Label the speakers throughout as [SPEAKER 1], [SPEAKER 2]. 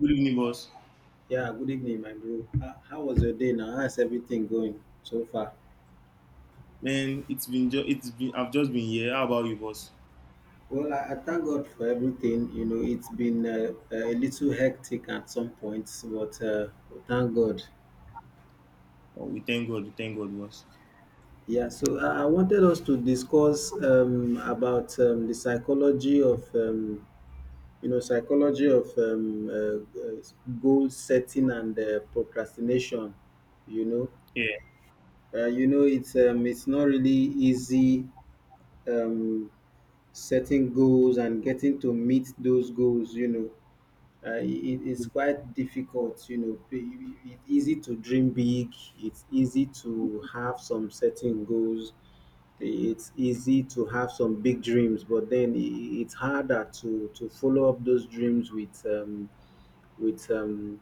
[SPEAKER 1] Good evening, boss.
[SPEAKER 2] Yeah, good evening, my bro. How was your day now? How's everything going so far?
[SPEAKER 1] Man, it's been ju- it's been I've just been here. How about you, boss?
[SPEAKER 2] Well, I thank God for everything. You know, it's been a little hectic at some points, but thank God.
[SPEAKER 1] Oh, we thank God. We thank God, boss.
[SPEAKER 2] So I wanted us to discuss about the psychology of, psychology of goal setting and procrastination. You know,
[SPEAKER 1] Yeah,
[SPEAKER 2] it's not really easy. Um, Setting goals and getting to meet those goals, you know, it's quite difficult, you know. It's easy to dream big, it's easy to have some setting goals, it's easy to have some big dreams, but then it's harder to follow up those dreams with, with um,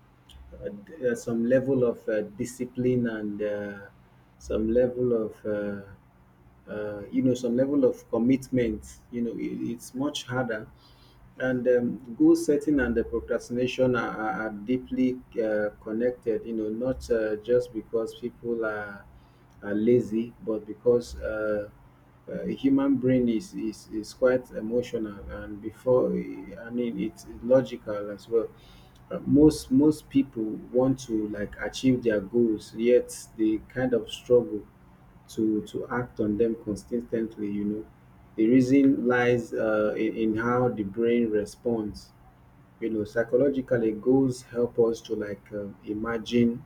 [SPEAKER 2] some level of discipline and some level of some level of commitment, you know. It, it's much harder, and goal setting and the procrastination are deeply connected, you know. Not just because people are lazy, but because human brain is quite emotional, and before, I mean, it's logical as well. Most most people want to like achieve their goals, yet they kind of struggle to act on them consistently, you know. The reason lies in how the brain responds, you know. Psychologically, goals help us to like imagine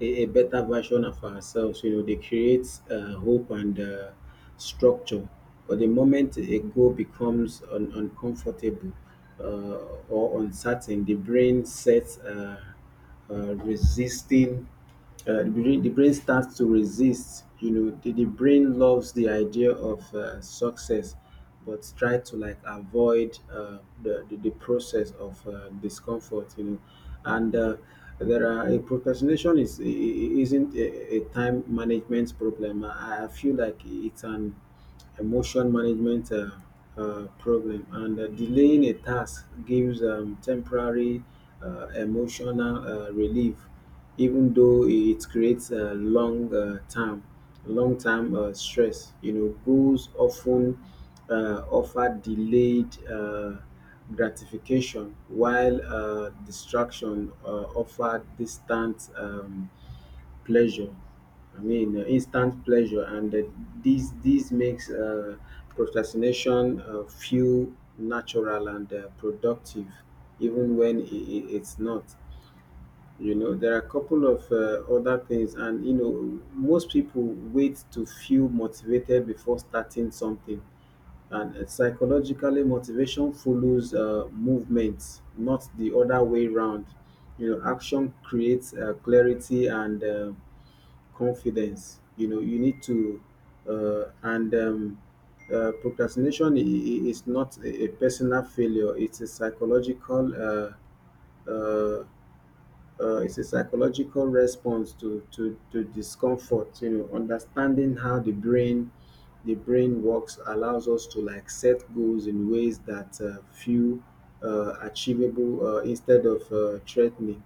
[SPEAKER 2] a better version of ourselves, you know. They create hope and structure. But the moment a goal becomes uncomfortable uh, or uncertain, the brain sets resisting. The brain starts to resist, you know. The the brain loves the idea of success, but try to like avoid the process of discomfort, you know. And there are a Procrastination isn't a time management problem. I feel like it's an emotion management problem, and delaying a task gives temporary emotional relief, even though it creates a long term long term stress, you know. Goals often offer delayed gratification, while distraction offer distant pleasure I mean instant pleasure. And This this makes procrastination feel natural and productive, even when it's not, you know. There are a couple of other things, and you know, most people wait to feel motivated before starting something. And psychologically, motivation follows movement, not the other way round. You know, action creates clarity and confidence. You know, you need to and procrastination is not a personal failure. It's a psychological uh, uh, it's a psychological response to discomfort, you know. Understanding how the brain works allows us to like set goals in ways that feel achievable, instead of threatening.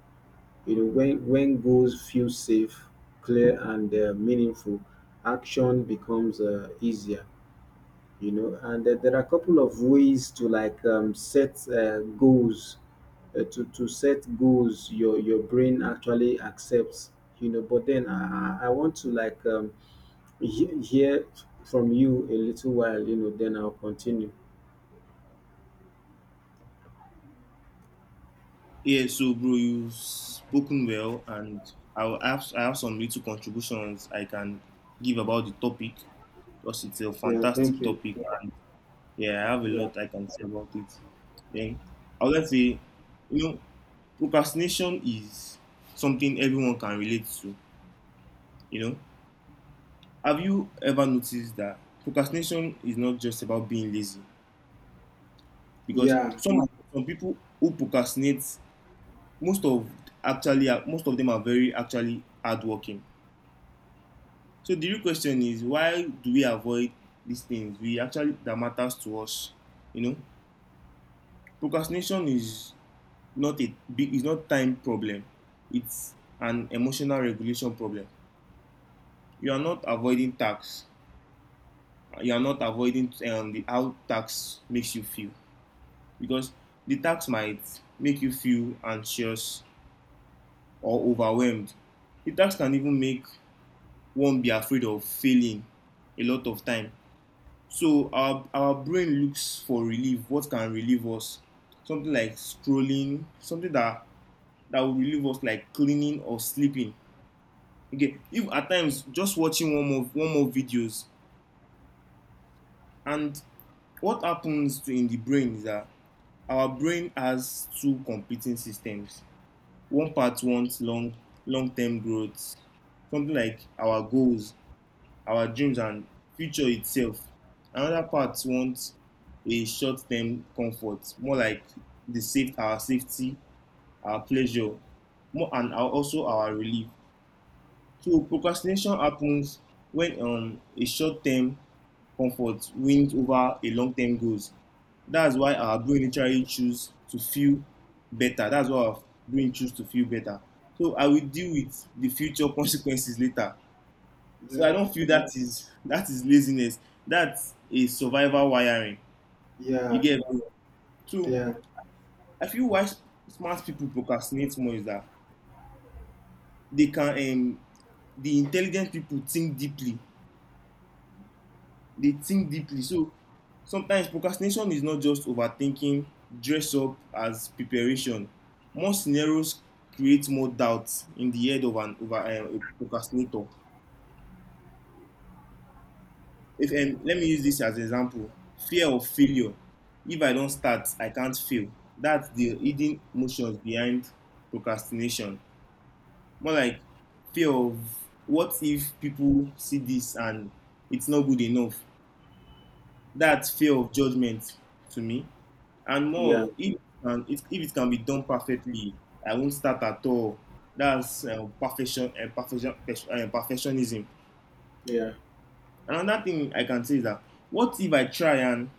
[SPEAKER 2] You know, when goals feel safe, clear and meaningful, action becomes easier. You know, and there are a couple of ways to like set goals, to set goals your brain actually accepts, you know. But then I want to like hear from you a little while, you know, then I'll continue.
[SPEAKER 1] yeah. So, bro, you've spoken well, and I have some little contributions I can give about the topic because it's a
[SPEAKER 2] Yeah, thank
[SPEAKER 1] fantastic
[SPEAKER 2] you.
[SPEAKER 1] topic. Yeah, I have a
[SPEAKER 2] Yeah.
[SPEAKER 1] lot I can say about it. Then I would like to say, you know, procrastination is something everyone can relate to. You know, have you ever noticed that procrastination is not just about being lazy? Because
[SPEAKER 2] Yeah.
[SPEAKER 1] some people who procrastinate, most of actually most of them are very actually hardworking. So the real question is, why do we avoid these things? We actually that matters to us. You know, Procrastination is not time problem. It's an emotional regulation problem. You are not avoiding tax. You are not avoiding the how tax makes you feel, because the tax might make you feel anxious or overwhelmed. The tax can even make one be afraid of failing a lot of time. So our brain looks for relief. What can relieve us? Something like scrolling, something that will relieve us, like cleaning or sleeping. Okay, if at times just watching one more videos, and what happens to in the brain is that our brain has two competing systems. One part wants long term growth, something like our goals, our dreams, and future itself. Another part wants a short-term comfort, more like the safe, our safety, our pleasure, more and also our relief. So procrastination happens when a short-term comfort wins over a long-term goals. That's why our brain literally choose to feel better. That's why our brain choose to feel better. So I will deal with the future consequences later. So I
[SPEAKER 2] Yeah,
[SPEAKER 1] don't feel that is laziness. That's a survival wiring. You
[SPEAKER 2] yeah,
[SPEAKER 1] get me? So
[SPEAKER 2] yeah.
[SPEAKER 1] I feel why smart people procrastinate more is that they can um the intelligent people think deeply. They think deeply. So sometimes procrastination is not just overthinking dress up as preparation. More scenarios create more doubt in the head of an over a procrastinator. If Let me use this as an example. Fear of failure. If I don't start, I can't fail. That's the hidden emotions behind procrastination. More like, fear of, what if people see this and it's not good enough? That's fear of judgment to me. And more
[SPEAKER 2] Yeah.
[SPEAKER 1] of, if and if, if it can be done perfectly, I won't start at all. That's perfectionism.
[SPEAKER 2] Yeah,
[SPEAKER 1] Another thing I can say is that, what if I try and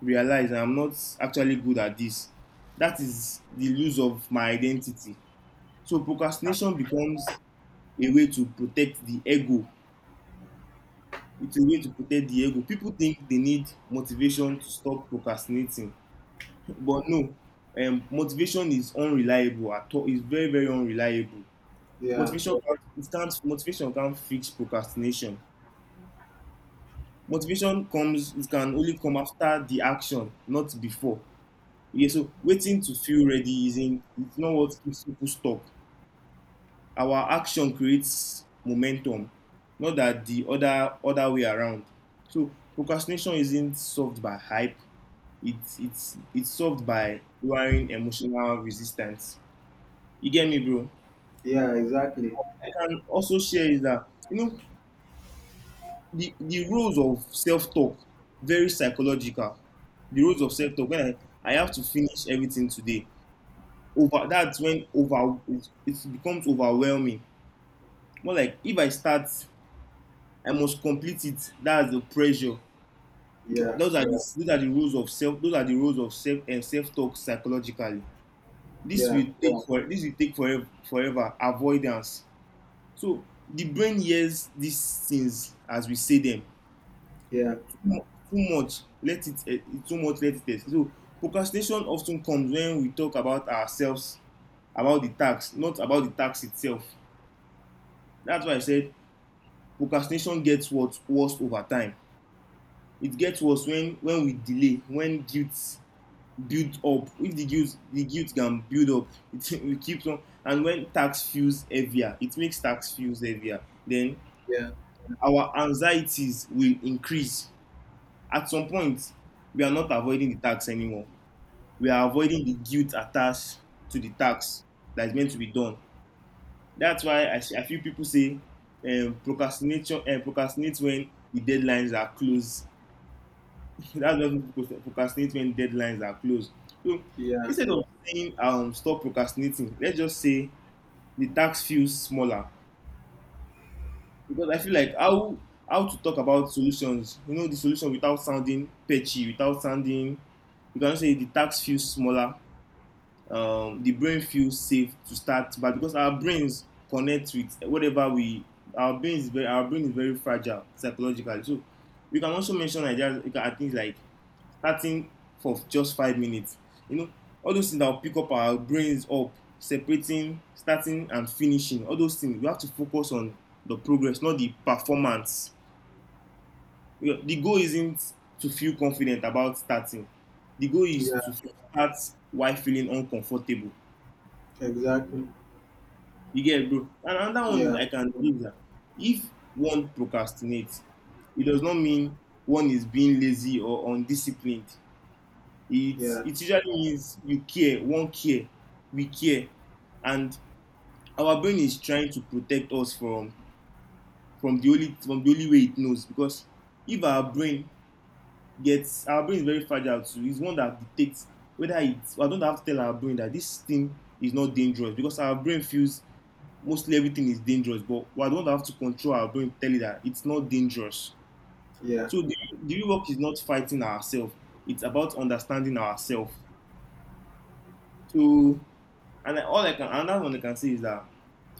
[SPEAKER 1] realize I'm not actually good at this? That is the lose of my identity. So procrastination becomes a way to protect the ego. It's a way to protect the ego. People think they need motivation to stop procrastinating, but no. Motivation is unreliable at all. It's very, very unreliable.
[SPEAKER 2] yeah,
[SPEAKER 1] Motivation can't fix procrastination. Motivation comes it can only come after the action, not before. Okay, so waiting to feel ready isn't it's not what keeps people stuck. Our action creates momentum, not that the other way around. So procrastination isn't solved by hype, it's solved by lowering emotional resistance. You get me, bro?
[SPEAKER 2] yeah, exactly.
[SPEAKER 1] I can also share is that, the roles of self-talk, very psychological. The roles of self-talk, when I have to finish everything today over. That's when, over it becomes overwhelming. More like, if I start, I must complete it, that's the pressure. Because
[SPEAKER 2] Yeah,
[SPEAKER 1] those are the rules of self and self-talk, psychologically, this
[SPEAKER 2] yeah,
[SPEAKER 1] will take for this will take forever, avoidance. So the brain hears these things as we say them.
[SPEAKER 2] yeah,
[SPEAKER 1] Too much let it eh, too much let it escape. So procrastination of ten comes when we talk about ourselves, about the task, not about the task itself. That's why I said procrastination gets worse over time. It gets worse when we delay, when guilt build up. If the guilt can build up, it, we keep on, and when task feels heavier, then
[SPEAKER 2] yeah,
[SPEAKER 1] our anxieties will increase. At some point, we are not avoiding the task anymore, we are avoiding the guilt attached to the tax that is meant to be done. That's why I feel people say, procrastination procrastinate when the deadlines are close. That's why people procrastinate when deadlines are close. So
[SPEAKER 2] yeah,
[SPEAKER 1] instead of saying stop procrastinating, let's just say the tax feels smaller, because I feel like, how to talk about solutions, the solution, without sounding petty, without sounding, you can say the tax feels smaller. The brain feels safe to start, but because our brains connect with whatever we our brain is very fragile psychologically. So we can also mention ideas, things like starting for just 5 minutes. you know all those things that will pick up our brains up, separating starting and finishing. All those things we have to focus on. The progress, not the performance. The goal isn't to feel confident about starting, the goal is
[SPEAKER 2] yeah,
[SPEAKER 1] to start while feeling uncomfortable.
[SPEAKER 2] exactly.
[SPEAKER 1] You get, bro? And another one is,
[SPEAKER 2] Yeah.
[SPEAKER 1] I can believe that if one procrastinates, it does not mean one is being lazy or undisciplined. It
[SPEAKER 2] Yeah,
[SPEAKER 1] it usually means you care, one care, we care, and our brain is trying to protect us from the only way it knows. Because if our brain is very fragile too. It's one that dictates whether it's I don't have to tell our brain that this thing is not dangerous, because our brain feels mostly everything is dangerous, but we don't have to control our brain, to tell you that it's not dangerous.
[SPEAKER 2] yeah,
[SPEAKER 1] So the work is not fighting ourselves, it's about understanding ourselves. So and I- all I can another one I can say is that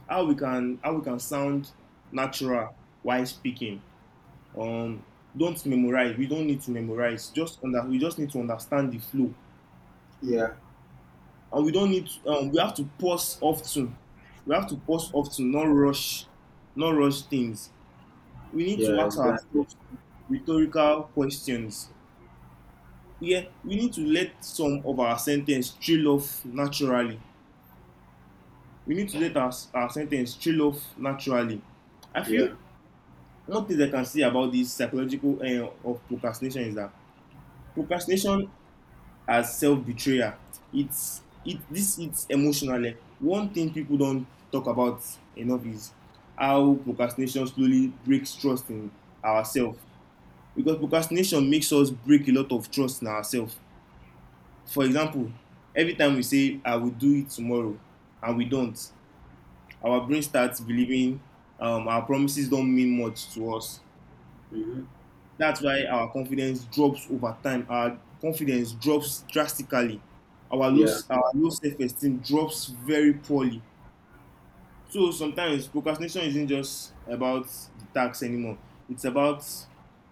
[SPEAKER 1] how we can sound natural while speaking. Um don't memorize. We don't need to memorize. Just under we just need to understand the flow.
[SPEAKER 2] yeah,
[SPEAKER 1] And we don't need to, we have to pause often. We have to pause often, not rush things. We need to
[SPEAKER 2] yeah,
[SPEAKER 1] ask
[SPEAKER 2] exactly.
[SPEAKER 1] ourselves rhetorical questions. Yeah, we need to let some of our sentence trail off naturally. We need to let our sentence trail off naturally. I feel
[SPEAKER 2] Yeah.
[SPEAKER 1] one thing I can say about this psychological end of procrastination is that procrastination as self-betrayal. It's it this it's emotionally. One thing people don't talk about enough is how procrastination slowly breaks trust in ourselves, because procrastination makes us break a lot of trust in ourselves. For example, every time we say I will do it tomorrow and we don't, our brain starts believing, our promises don't mean much to us.
[SPEAKER 2] Mm-hmm.
[SPEAKER 1] That's why our confidence drops over time. Our confidence drops drastically. Our low,
[SPEAKER 2] Yeah,
[SPEAKER 1] our low self-esteem drops very poorly. So sometimes procrastination isn't just about the task anymore. It's about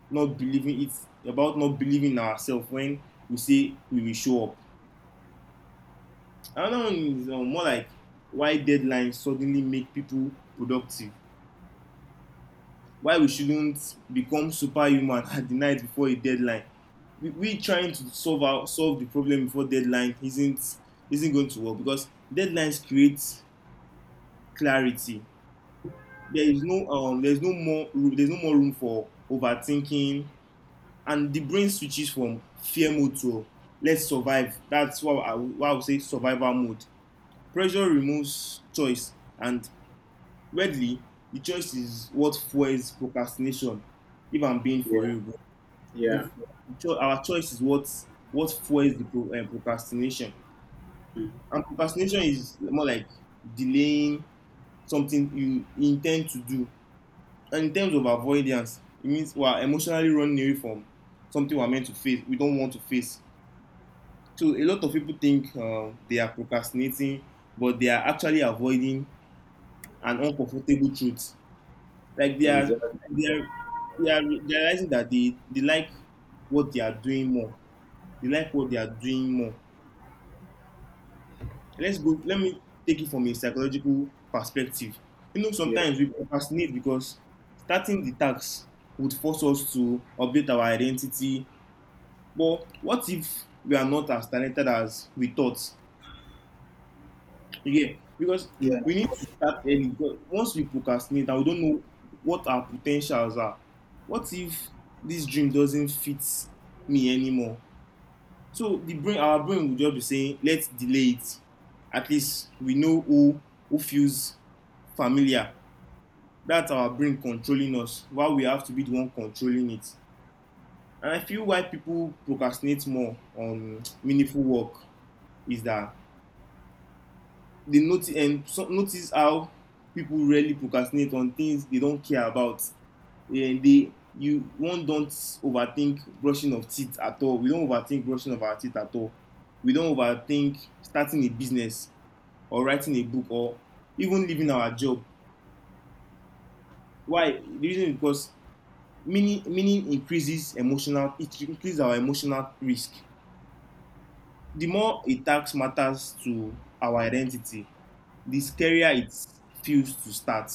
[SPEAKER 1] not believing it, about not believing ourselves when we say we will show up. Another one is more like, why deadlines suddenly make people productive. Why we shouldn't become superhuman at the night before a deadline. We trying to solve the problem before deadline isn't going to work, because deadlines create clarity. There's no more room for overthinking, and the brain switches from fear mode to, let's survive. That's what I would say, survival mode. Pressure removes choice, and weirdly, the choice is what fuels procrastination. If I'm being for
[SPEAKER 2] yeah,
[SPEAKER 1] real, bro. The,
[SPEAKER 2] yeah,
[SPEAKER 1] the cho- our choice is what fuels procrastination, and procrastination is more like delaying something you intend to do. And in terms of avoidance, it means we are emotionally running away from something we are meant to face. We don't want to face. So a lot of people think they are procrastinating, but they are actually avoiding an uncomfortable truth. Like
[SPEAKER 2] exactly.
[SPEAKER 1] they are, they are realizing that they like what they are doing more. They like what they are doing more. Let's go. Let me take it from a psychological perspective.
[SPEAKER 2] Yeah,
[SPEAKER 1] Sometimes we procrastinate because starting the task would force us to update our identity. But what if we are not as talented as we thought? Again, because
[SPEAKER 2] yeah,
[SPEAKER 1] we need to start early. Because once we procrastinate and we don't know what our potentials are, what if this dream doesn't fit me anymore? So the brain, our brain will just be saying, let's delay it. At least we know who feels familiar. That's our brain controlling us, while we have to be the one controlling it. And I feel why people procrastinate more on meaningful work is that they notice and so, notice how people really procrastinate on things they don't care about and they you one don't overthink brushing of teeth at all we don't overthink brushing of our teeth at all. We don't overthink starting a business or writing a book or even leaving our job. Why? The reason is because meaning increases our emotional risk. The more a task matters to our identity, the scarier it feels to start.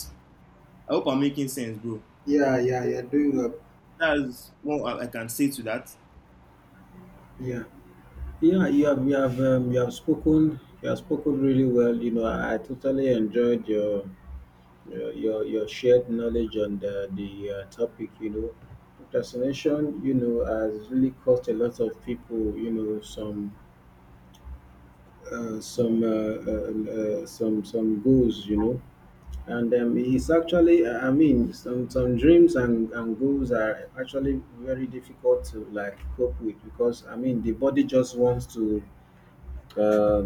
[SPEAKER 1] I hope I'm making sense, bro.
[SPEAKER 2] yeah, yeah, yeah, doing up.
[SPEAKER 1] That's what I can say to that.
[SPEAKER 2] Yeah, yeah, you have, you have spoken really well. You know, I totally enjoyed your shared knowledge on the topic. You know, procrastination, you know, has really cost a lot of people. You know, uh, some, uh, uh, some goals. You know, and it's actually I mean, some dreams and goals are actually very difficult to like cope with, because I mean the body just wants to uh,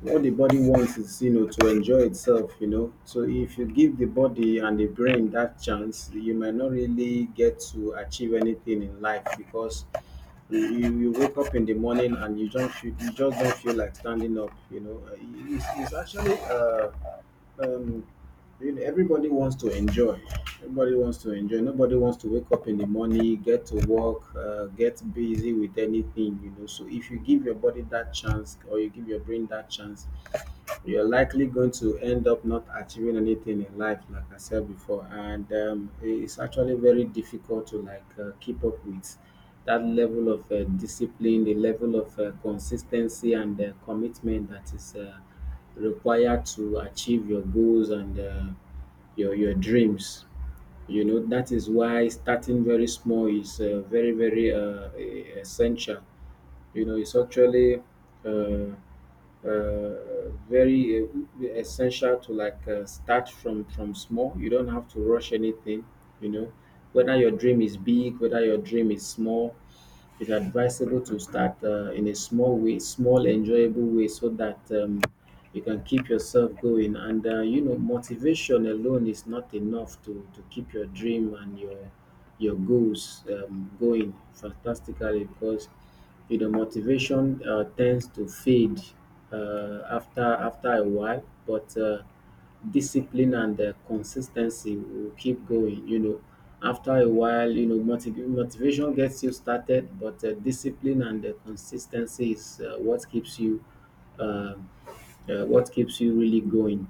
[SPEAKER 2] what the body wants is, you know, to enjoy itself. You know, so if you give the body and the brain that chance, you might not really get to achieve anything in life, because you wake up in the morning and you just don't feel like standing up, you know. It's it's actually um you know, everybody wants to enjoy everybody wants to enjoy. Nobody wants to wake up in the morning, get to work, get busy with anything. You know, so if you give your body that chance, or you give your brain that chance, you're likely going to end up not achieving anything in life, like I said before. And it's actually very difficult to like keep up with that level of discipline, the level of consistency and commitment that is required to achieve your goals and your dreams. You know, that is why starting very small is very very essential. You know, it's actually very essential to like start from small. You don't have to rush anything. You know, whether your dream is big, whether your dream is small, it's advisable to start in a small way, small enjoyable way, so that you can keep yourself going. And you know, motivation alone is not enough to keep your dream and your goals going fantastically, because you know motivation tends to fade after a while. But discipline and consistency will keep going, you know. After a while, you know, motivation gets you started, but discipline and consistency is uh, what keeps you really going,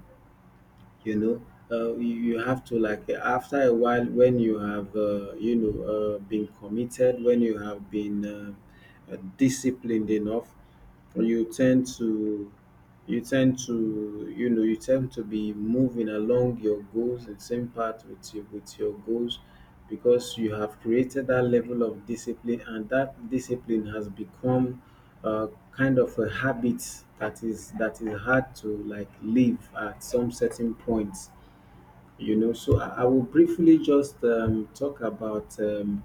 [SPEAKER 2] you know. You you have to like, after a while, when you have you know, been committed, when you have been disciplined enough, you tend to you know, you tend to be moving along your goals and same path with your goals, because you have created that level of discipline, and that discipline has become kind of a habit that is hard to like leave at some certain points, you know. So I will briefly just talk about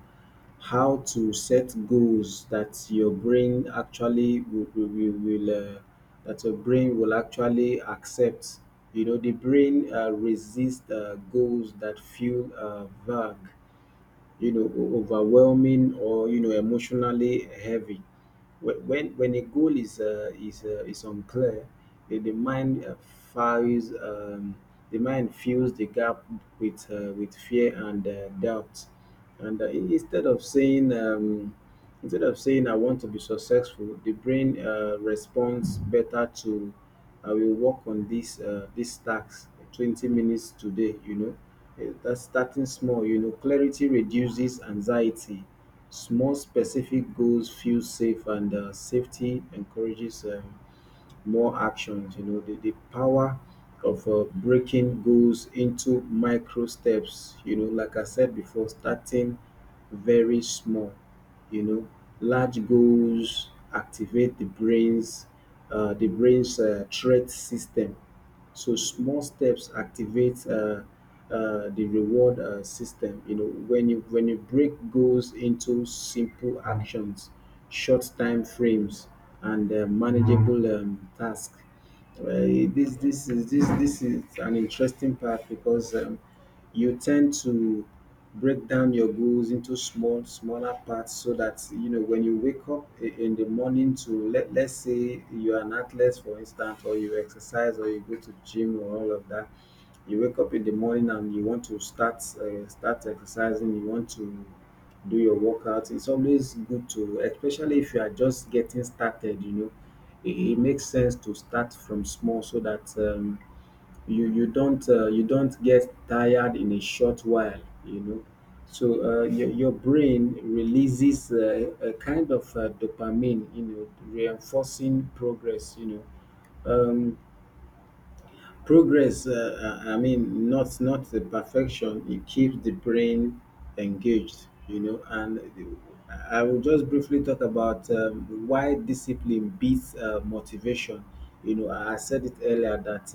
[SPEAKER 2] how to set goals that your brain actually will, that your brain will actually accept. You know, the brain resists goals that feel vague, you know, overwhelming, or you know, emotionally heavy. When when a goal is is unclear, the mind files um, fills the gap with fear and doubt. And instead of saying I want to be successful, the brain responds better to, I will work on this this task 20 minutes today. You know, eh, that's starting small. You know, clarity reduces anxiety. Small specific goals feel safe, and safety encourages more actions. You know, the power of breaking goals into micro steps, you know, like I said before, starting very small. You know, large goals activate the brain's threat system, so small steps activate the reward system. You know, when you break goals into simple actions, short time frames, and manageable tasks. This this is an interesting part, because you tend to break down your goals into smaller parts, so that you know, when you wake up in the morning, to let's say you're an athlete for instance, or you exercise, or you go to gym, or all of that, you wake up in the morning and you want to start exercising, you want to do your workout. It's always good to, especially if you are just getting started, you know, it makes sense to start from small, so that you you don't get tired in a short while, you know. So your brain releases a kind of dopamine, you know, reinforcing progress, you know, um, progress, I mean, not the perfection. It keeps the brain engaged, you know. And I will just briefly talk about why discipline beats motivation. You know, I said it earlier that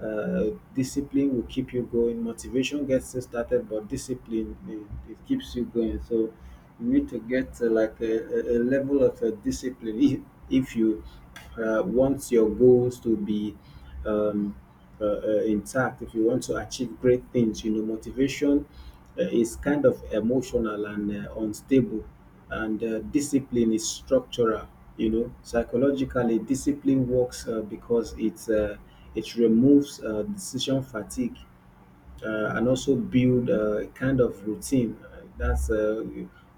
[SPEAKER 2] discipline will keep you going. Motivation gets you started, but discipline, it keeps you going. So you need to get like a level of discipline if you want your goals to be um, intact. If you want to achieve great things, you know, motivation is kind of emotional and unstable, and discipline is structural. You know, psychologically discipline works because it removes decision fatigue, and also build a kind of routine. That's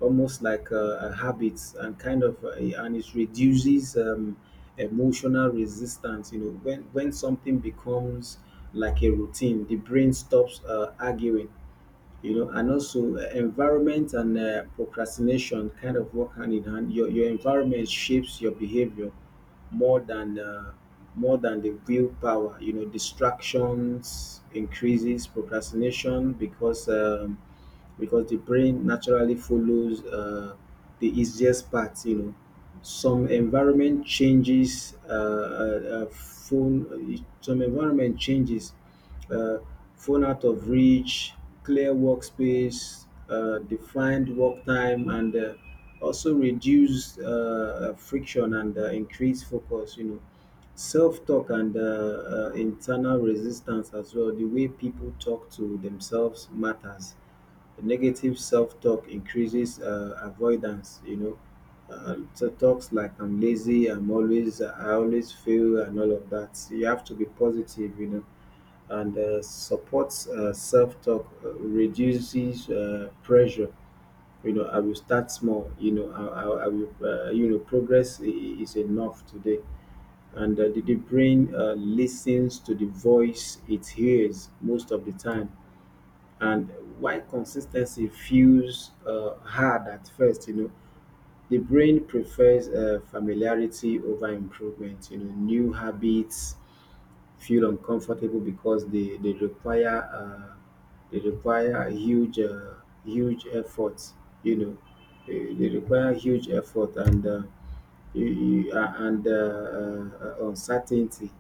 [SPEAKER 2] almost like a habit, and kind of and it reduces emotional resistance. You know, when something becomes like a routine, the brain stops arguing, you know. And also environment and procrastination kind of work hand in hand. Your environment shapes your behavior more than the willpower, you know. Distractions increases procrastination because the brain naturally follows the easiest path, you know. some environment changes uh, uh, uh, phone uh, some environment changes, uh, phone out of reach, clear workspace, defined work time, and also reduce friction and increase focus. You know, self talk and internal resistance as well. The way people talk to themselves matters. The negative self talk increases avoidance, you know. So talks like I'm lazy, I'm always, I always fail, and all of that. You have to be positive, you know, and supports self-talk, reduces pressure. You know, I will start small. You know, I will. Progress is enough today. And the brain listens to the voice it hears most of the time. And why consistency feels hard at first, you know, the brain prefers familiarity over improvement. You know, new habits feel uncomfortable because they require a huge huge effort. You know, they require huge effort and uncertainty.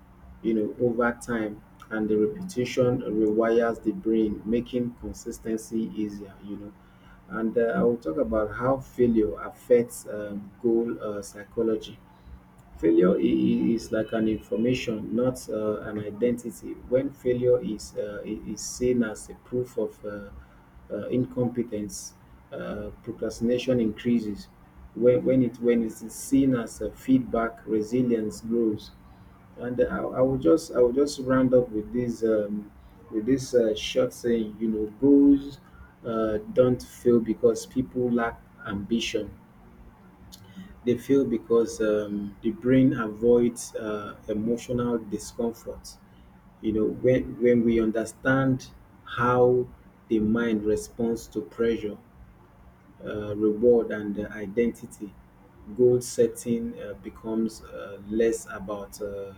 [SPEAKER 2] You know, over time and the repetition rewires the brain, making consistency easier, you know. And I will talk about how failure affects goal psychology. Failure is like an information, not an identity. When failure is seen as a proof of incompetence, procrastination increases. When it is seen as a feedback, resilience grows. And I will just round up with this short saying. You know, goals don't fail because people lack ambition. They fail because the brain avoids emotional discomfort. You know, when we understand how the mind responds to pressure, reward and identity, goal setting becomes less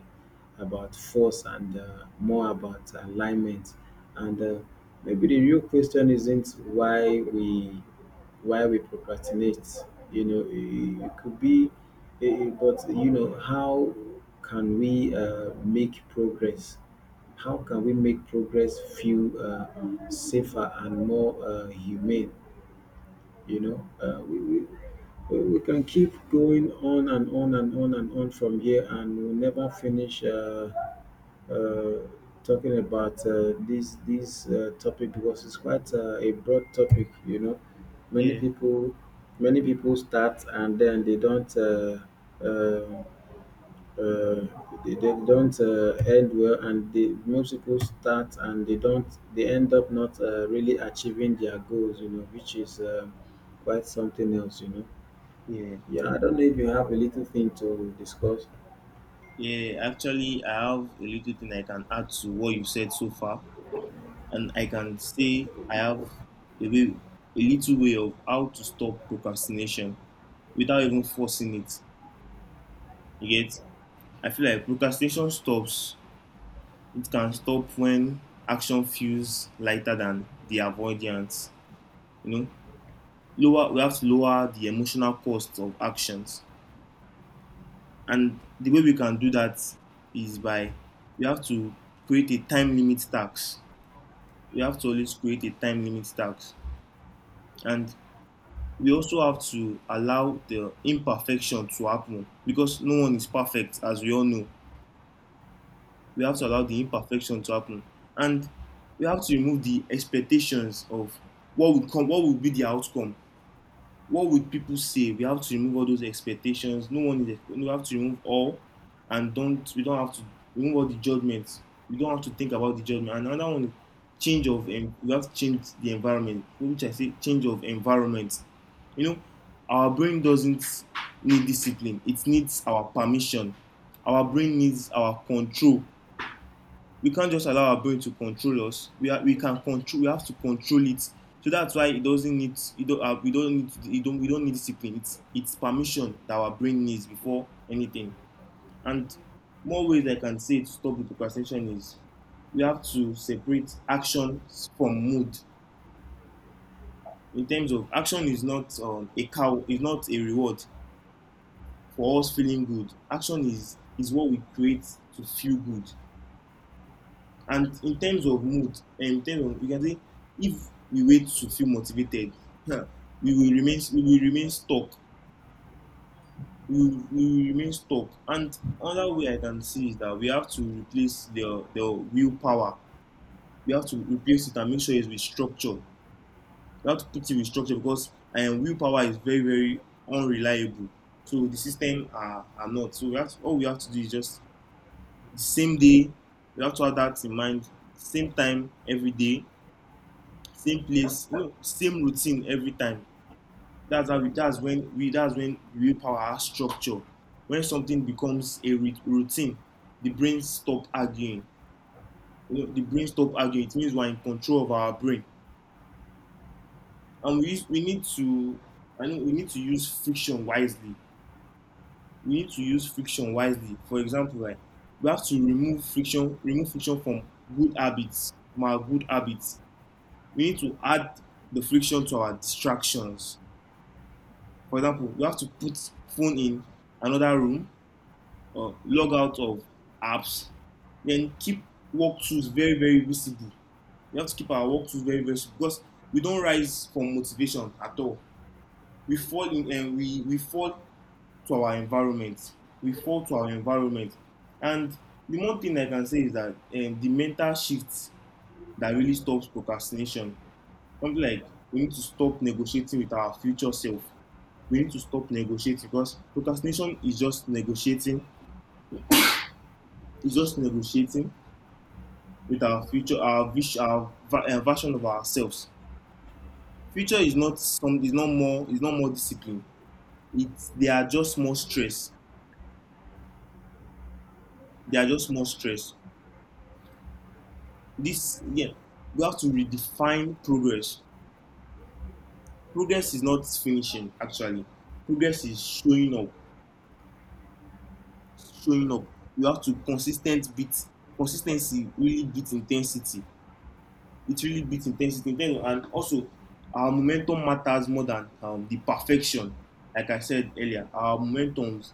[SPEAKER 2] about force and more about alignment. And maybe the real question isn't why we procrastinate, you know. It could be, eh, but you know, how can we make progress how can we make progress feel safer and more humane, you know. We we can keep going on and on and on and on from here, and we'll never finish uh, talking about this topic because it's quite a broad topic. You know, many
[SPEAKER 1] Yeah,
[SPEAKER 2] people many people start and then they don't. Uh, uh, they don't end well, and the most people start and they don't, they end up not really achieving their goals, you know, which is quite something else, you know.
[SPEAKER 1] yeah,
[SPEAKER 2] Yeah, I don't know if you have a little thing to discuss.
[SPEAKER 1] yeah. Actually, I have a little thing I can add to what you said so far, and I can say I have a way, a little way of how to stop procrastination without even forcing it. You get? I feel like procrastination stops. It can stop when action feels lighter than the avoidance. You know, lower. We have to lower the emotional cost of actions. And the way we can do that is by we have to create a time limit tax. We have to always create a time limit tax. And we also have to allow the imperfection to happen because no one is perfect, as we all know. We have to allow the imperfection to happen. And we have to remove the expectations of what would come, what would be the outcome, what would people say. We have to remove all those expectations. No one is we have to remove all and don't we don't have to remove all the judgments, we don't have to think about the judgment. And another one, change of we have to change the environment, which I say change of environment. You know, our brain doesn't need discipline, it needs our permission. Our brain needs our control. We can't just allow our brain to control us. We can control. We have to control it. So that's why it doesn't need. It don't, we don't need. It don't. We don't need discipline. It's permission that our brain needs before anything. And more ways I can say to stop the procrastination is we have to separate actions from mood. In terms of action is not a cow is not a reward for us feeling good. Action is what we create to feel good. And in terms of mood, eh, in terms of you can say, if we wait to feel motivated, huh, we will remain stuck. We will remain stuck. And another way I can see is that we have to replace the willpower. We have to replace it and make sure it's with structure. We have to put it with structure because willpower is very very unreliable. So the system are not. So we have to, all we have to do is just the same day. We have to have that in mind. Same time every day, same place, you know, same routine every time. That's how we that's when willpower has structure. When something becomes a routine, the brain stop arguing. You know, the brain stop arguing, it means we are in control of our brain. And we need to, I know we need to use friction wisely. We need to use friction wisely. For example, like we have to remove friction from good habits from our good habits. We need to add the friction to our distractions. For example, you have to put phone in another room or log out of apps, then keep walkthroughs very, very visible. We have to keep our walkthroughs very, very visible because we don't rise from motivation at all. We fall to our environment. We fall to our environment. And the one thing I can say is that the mental shift that really stops procrastination, something like we need to stop negotiating with our future self. We need to stop negotiating because procrastination is just negotiating. It's just negotiating with our future, our vision, our version of ourselves. Future is not some. Is not more. Is not more discipline. It's they are just more stress. They are just more stress. This yeah, we have to redefine progress. Progress is not finishing actually. Progress is showing up, showing up. You have to consistent beat consistency really beat intensity, it really beats intensity. Then, and also, our momentum matters more than the perfection. Like I said earlier, our momentums,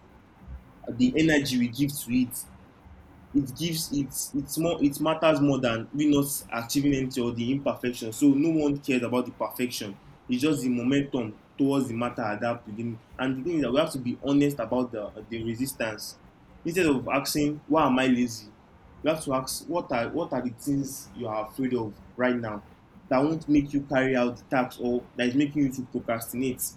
[SPEAKER 1] the energy we give to it, it gives it's more it matters more than we not achieving anything or the imperfection. So no one cares about the perfection, it's just the momentum towards the matter at that beginning. And the thing is that we have to be honest about the resistance. Instead of asking why am I lazy, we have to ask what are the things you are afraid of right now that won't make you carry out the task or that is making you to procrastinate.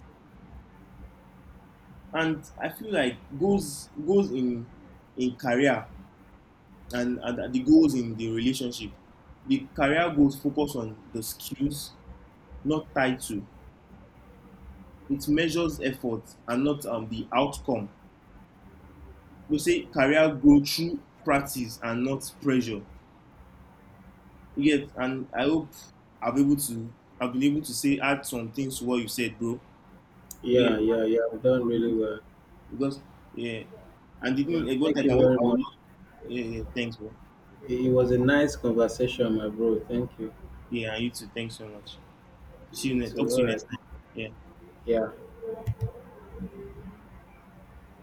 [SPEAKER 1] And I feel like goals goals in career, and the goals in the relationship. The career goals focus on the skills, not title. It measures effort and not the outcome. You say career grow through practice and not pressure. Yes, and I hope I've able to I've been able to say add some things to what you said, bro.
[SPEAKER 2] Yeah,
[SPEAKER 1] You
[SPEAKER 2] yeah, yeah, we've done really well.
[SPEAKER 1] because yeah, and
[SPEAKER 2] Yeah,
[SPEAKER 1] didn't eh, what
[SPEAKER 2] thank
[SPEAKER 1] like
[SPEAKER 2] you very
[SPEAKER 1] I will
[SPEAKER 2] much.
[SPEAKER 1] yeah, yeah, thanks, bro.
[SPEAKER 2] It was a nice conversation, my bro. Thank you.
[SPEAKER 1] Yeah, and you too. Thanks so much. See you
[SPEAKER 2] You
[SPEAKER 1] next. Talk
[SPEAKER 2] too. All
[SPEAKER 1] to you
[SPEAKER 2] right.
[SPEAKER 1] next time. Yeah.
[SPEAKER 2] Yeah.